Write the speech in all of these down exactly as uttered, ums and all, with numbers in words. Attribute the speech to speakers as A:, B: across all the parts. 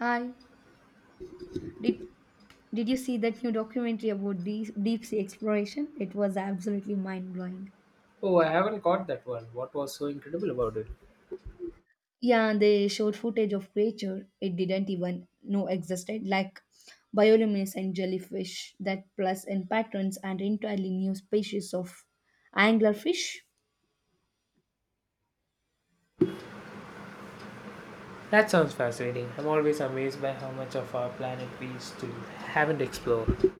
A: Hi. Did did you see that new documentary about deep, deep sea exploration? It was absolutely mind blowing.
B: Oh, I haven't caught that one. What was so incredible about it?
A: Yeah, they showed footage of creature it didn't even know existed, like bioluminescent jellyfish that plus in patterns and entirely new species of anglerfish.
B: That sounds fascinating. I'm always amazed by how much of our planet we still haven't explored.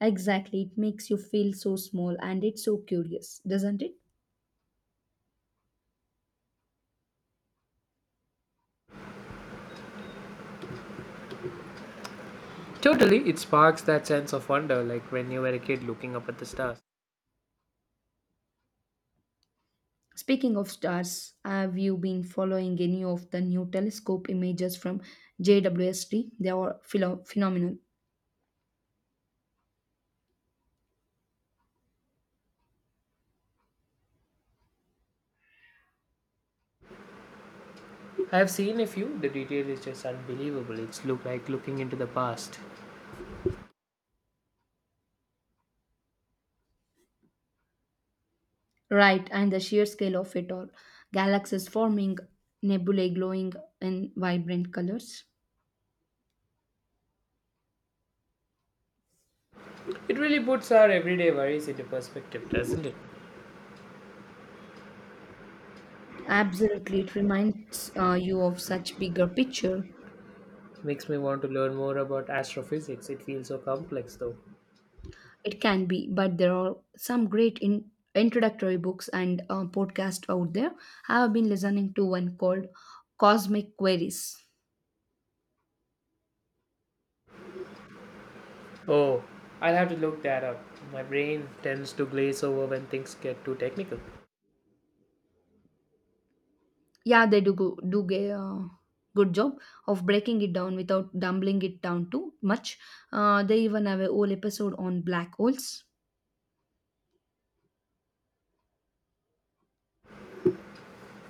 A: Exactly, it makes you feel so small and it's so curious, doesn't it?
B: Totally, it sparks that sense of wonder, like when you were a kid looking up at the stars.
A: Speaking of stars, have you been following any of the new telescope images from J W S T? They are philo- phenomenal.
B: I've seen a few, the detail is just unbelievable. It's look like looking into the past.
A: Right, and the sheer scale of it all. Galaxies forming, nebulae glowing in vibrant colors.
B: It really puts our everyday worries into perspective, doesn't it?
A: Absolutely, it reminds uh, you of such bigger picture.
B: Makes me want to learn more about astrophysics. It feels so complex though.
A: It can be, but there are some great in- introductory books and uh, podcasts out there. I have been listening to one called Cosmic Queries.
B: Oh, I'll have to look that up. My brain tends to glaze over when things get too technical.
A: Yeah, they do go, do get uh, good job of breaking it down without dumbling it down too much. Uh, they even have a whole episode on black holes.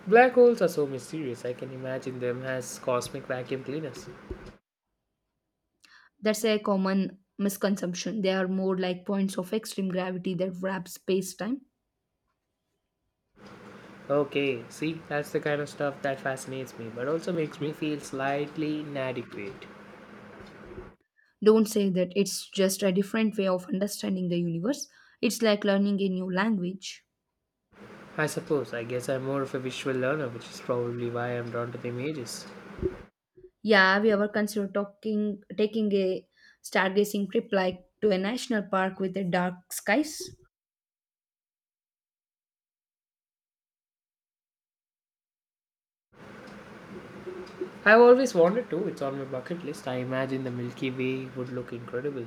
B: Black holes are so mysterious, I can imagine them as cosmic vacuum cleaners.
A: That's a common misconception. They are more like points of extreme gravity that wrap space-time.
B: Okay, see, that's the kind of stuff that fascinates me, but also makes me feel slightly inadequate.
A: Don't say that it's just a different way of understanding the universe. It's like learning a new language.
B: I suppose, I guess I'm more of a visual learner, which is probably why I'm drawn to the images.
A: Yeah, have you ever considered talking taking a stargazing trip like to a national park with the dark skies?
B: I've always wanted to, it's on my bucket list. I imagine the Milky Way would look incredible.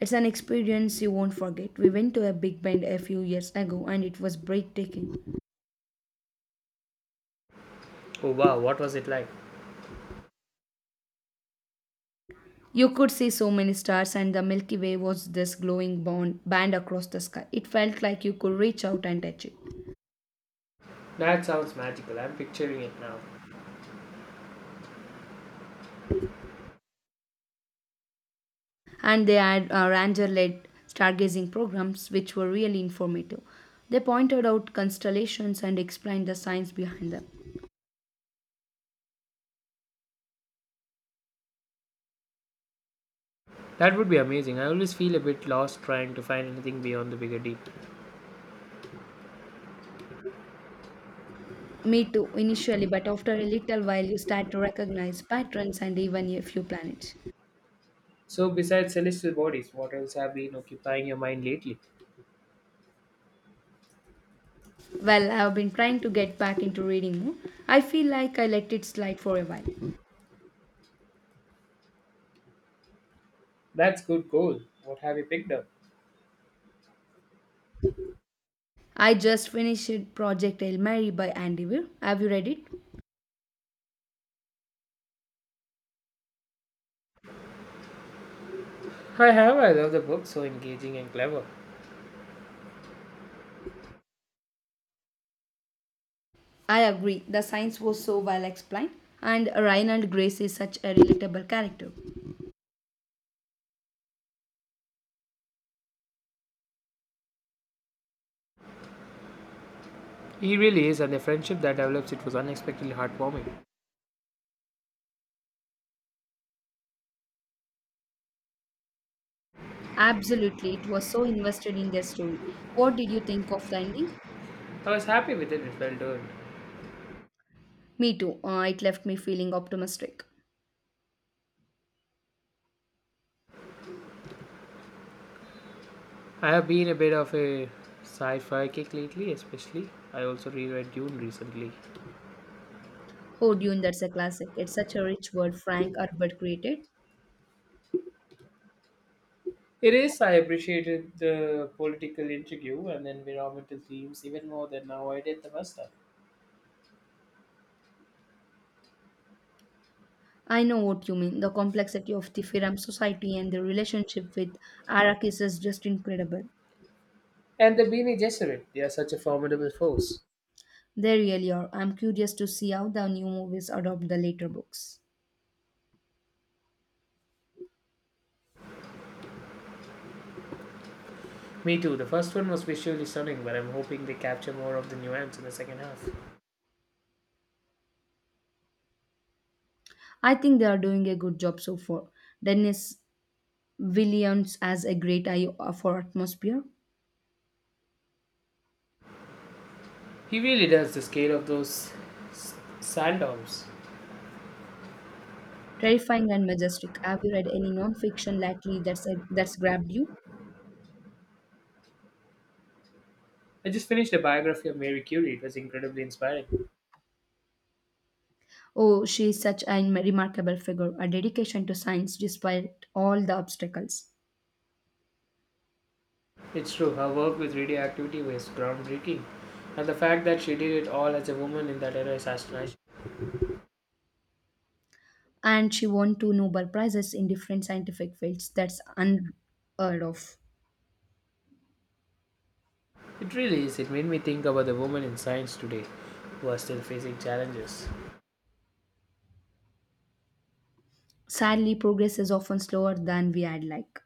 A: It's an experience you won't forget. We went to a big bend a few years ago and it was breathtaking.
B: Oh wow, what was it like?
A: You could see so many stars, and the Milky Way was this glowing bond, band across the sky. It felt like you could reach out and touch it.
B: That sounds magical, I'm picturing it now.
A: And they had uh, ranger led stargazing programs, which were really informative. They pointed out constellations and explained the science behind them.
B: That would be amazing. I always feel a bit lost trying to find anything beyond the bigger deep.
A: Me too, initially, but after a little while, you start to recognize patterns and even a few planets.
B: So, besides celestial bodies, what else have been occupying your mind lately?
A: Well, I've been trying to get back into reading more. I feel like I let it slide for a while.
B: That's good goal. What have you picked up?
A: I just finished Project Hail Mary by Andy Weir. Have you read it?
B: I have. I love the book. So engaging and clever.
A: I agree. The science was so well explained, and Reinald Grace is such a relatable character.
B: He really is, and the friendship that develops it was unexpectedly heartwarming.
A: Absolutely, it was so invested in their story. What did you think of the ending?
B: I was happy with it. It felt earned.
A: Me too. Uh, it left me feeling optimistic.
B: I have been a bit of a sci-fi kick lately, especially. I also reread Dune recently.
A: Oh, Dune, that's a classic. It's such a rich world Frank Herbert created.
B: It is. I appreciated the political intrigue and the environmental themes even more than now I did the first time.
A: I know what you mean. The complexity of the Firam society and their relationship with Arrakis is just incredible.
B: And the Beanie Gesserit, they are such a formidable force.
A: They really are. I'm curious to see how the new movies adopt the later books.
B: Me too. The first one was visually stunning, but I'm hoping they capture more of the nuance in the second half.
A: I think they are doing a good job so far. Dennis Villeneuve has a great eye for atmosphere,
B: He really does the scale of those s- sand domes.
A: terrifying and majestic. Have you read any non-fiction lately that's uh, that's grabbed you?
B: I just finished a biography of Mary Curie. It was incredibly inspiring.
A: Oh, she is such a remarkable figure, a dedication to science despite all the obstacles.
B: It's true, her work with radioactivity was groundbreaking. And the fact that she did it all as a woman in that era is astonishing.
A: And she won two Nobel Prizes in different scientific fields. That's unheard of.
B: It really is. It made me think about the women in science today who are still facing challenges.
A: Sadly, progress is often slower than we had like.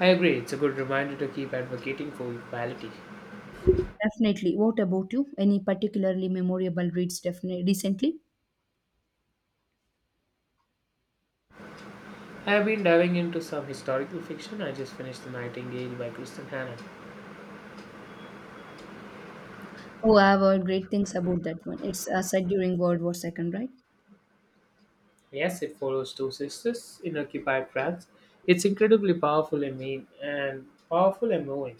B: I agree, it's a good reminder to keep advocating for equality.
A: Definitely. What about you? Any particularly memorable reads definitely recently?
B: I have been diving into some historical fiction. I just finished The Nightingale by Kristen Hanna.
A: Oh, I've heard great things about that one. It's uh, set during World War Second, right?
B: Yes, it follows two sisters in occupied France. It's incredibly powerful and mean and powerful and moving.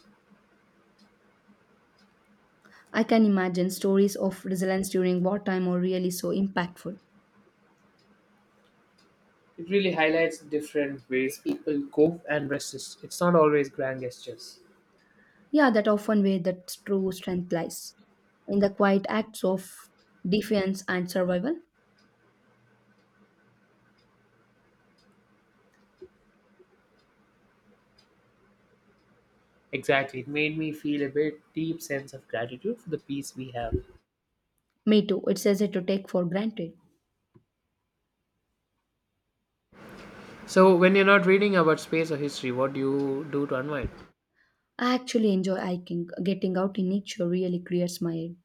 A: I can imagine stories of resilience during wartime are really so impactful.
B: It really highlights different ways people cope and resist. It's not always grand gestures.
A: Yeah, that often where the true strength lies in the quiet acts of defiance and survival.
B: Exactly. It made me feel a bit deep sense of gratitude for the peace we have.
A: Me too. It's easy to take for granted.
B: So when you're not reading about space or history, what do you do to unwind?
A: I actually enjoy hiking. Getting out in nature really clears my head.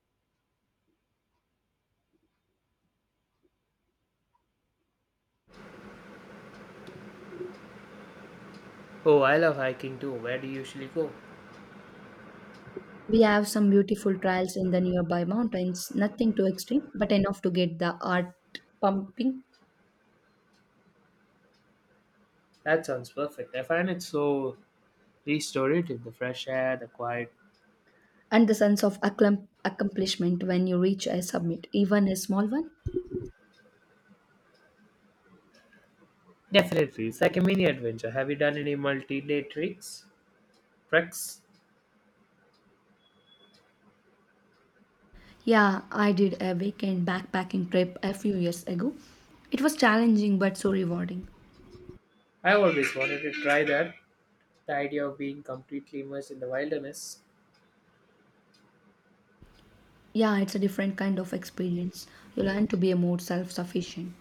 B: Oh, I love hiking too. Where do you usually go?
A: We have some beautiful trails in the nearby mountains, nothing too extreme, but enough to get the heart pumping
B: That sounds perfect. I find it so restore it in the fresh air, the quiet.
A: and the sense of acclam- accomplishment when you reach a summit, even a small one.
B: Definitely, it's like a mini adventure. Have you done any multi-day tricks? Treks?
A: Yeah, I did a weekend backpacking trip a few years ago. It was challenging but so rewarding.
B: I always wanted to try that. The idea of being completely immersed in the wilderness.
A: Yeah, it's a different kind of experience. You learn to be more self sufficient.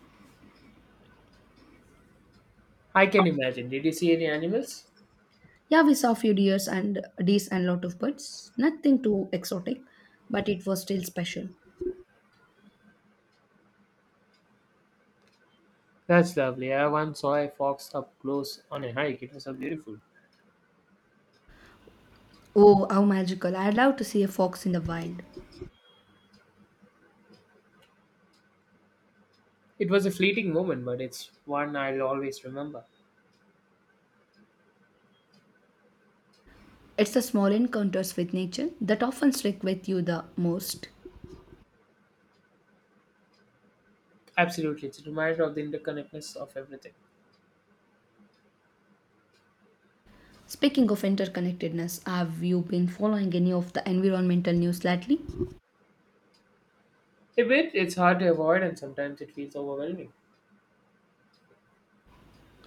B: I can imagine. Did you see any animals?
A: Yeah, we saw few deers and deers and lot of birds. Nothing too exotic, but it was still special.
B: That's lovely. I once saw a fox up close on a hike. It was so beautiful.
A: Oh, how magical! I'd love to see a fox in the wild.
B: It was a fleeting moment, but it's one I'll always remember.
A: It's the small encounters with nature that often stick with you the most.
B: Absolutely, it's a reminder of the interconnectedness of everything.
A: Speaking of interconnectedness, have you been following any of the environmental news lately?
B: A bit, it's hard to avoid, and sometimes it feels overwhelming.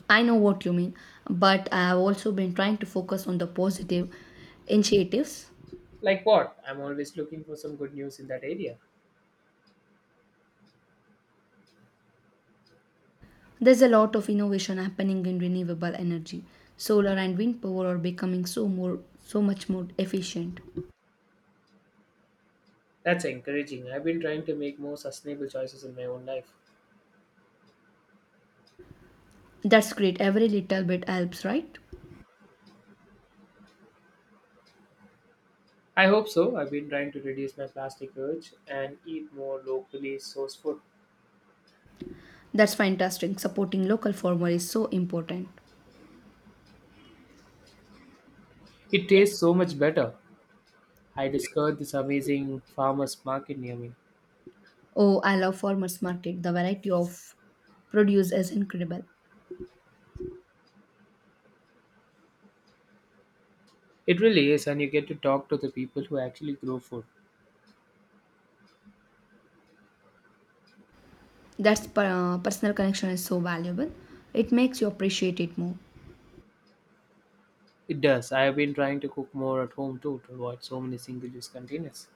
A: I know what you mean, but I have also been trying to focus on the positive initiatives.
B: Like what? I'm always looking for some good news in that area.
A: There's a lot of innovation happening in renewable energy. Solar and wind power are becoming so more so much more efficient.
B: That's encouraging. I've been trying to make more sustainable choices in my own life.
A: That's great. Every little bit helps, right?
B: I hope so. I've been trying to reduce my plastic urge and eat more locally sourced food.
A: That's fantastic. Supporting local farmer is so important.
B: It tastes so much better. I discovered this amazing farmers market near me.
A: Oh, I love farmers market. The variety of produce is incredible.
B: It really is, and you get to talk to the people who actually grow food.
A: That's per- uh, personal connection is so valuable. It makes you appreciate it more.
B: It does. I have been trying to cook more at home too to avoid so many single use containers.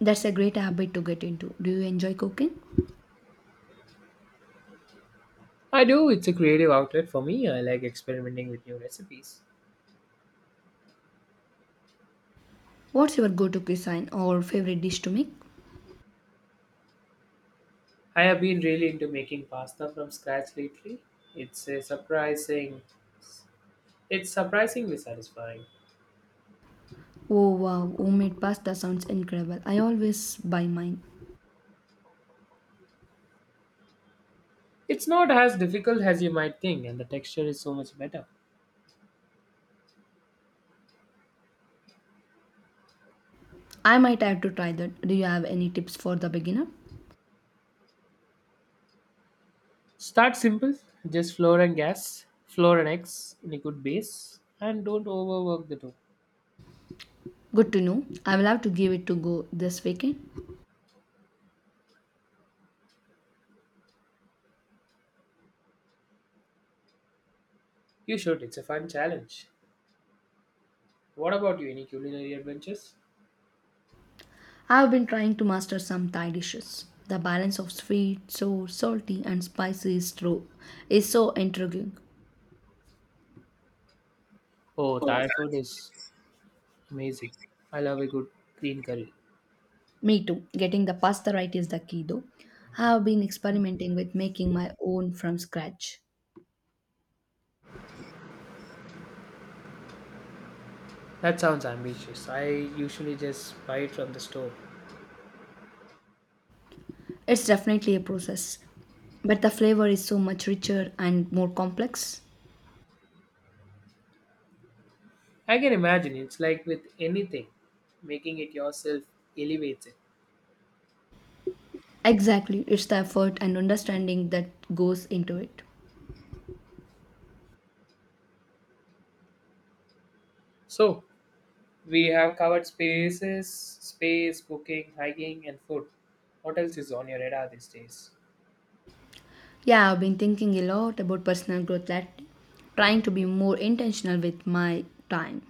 A: That's a great habit to get into. Do you enjoy cooking?
B: I do. It's a creative outlet for me. I like experimenting with new recipes.
A: What's your go-to cuisine or favorite dish to make?
B: I have been really into making pasta from scratch lately. It's a surprising, it's surprisingly satisfying.
A: Oh wow, homemade pasta sounds incredible. I always buy mine.
B: It's not as difficult as you might think, and the texture is so much better.
A: I might have to try that. Do you have any tips for the beginner?
B: Start simple, just flour and gas, flour and eggs in a good base, and don't overwork the dough.
A: Good to know. I will have to give it to go this weekend.
B: You should. It's a fun challenge. What about you? Any culinary adventures?
A: I have been trying to master some Thai dishes. The balance of sweet, sour, salty, and spicy is, true, is so intriguing.
B: Oh, Thai food is amazing. I love a good green curry.
A: Me too. Getting the pasta right is the key though. I have been experimenting with making my own from scratch.
B: That sounds ambitious. I usually just buy it from the store.
A: It's definitely a process, but the flavor is so much richer and more complex.
B: I can imagine it's like with anything, making it yourself elevates it.
A: Exactly, it's the effort and understanding that goes into it.
B: So, we have covered spaces, space, cooking, hiking, and food. What else is on your radar these days?
A: Yeah, I've been thinking a lot about personal growth lately, trying to be more intentional with my time.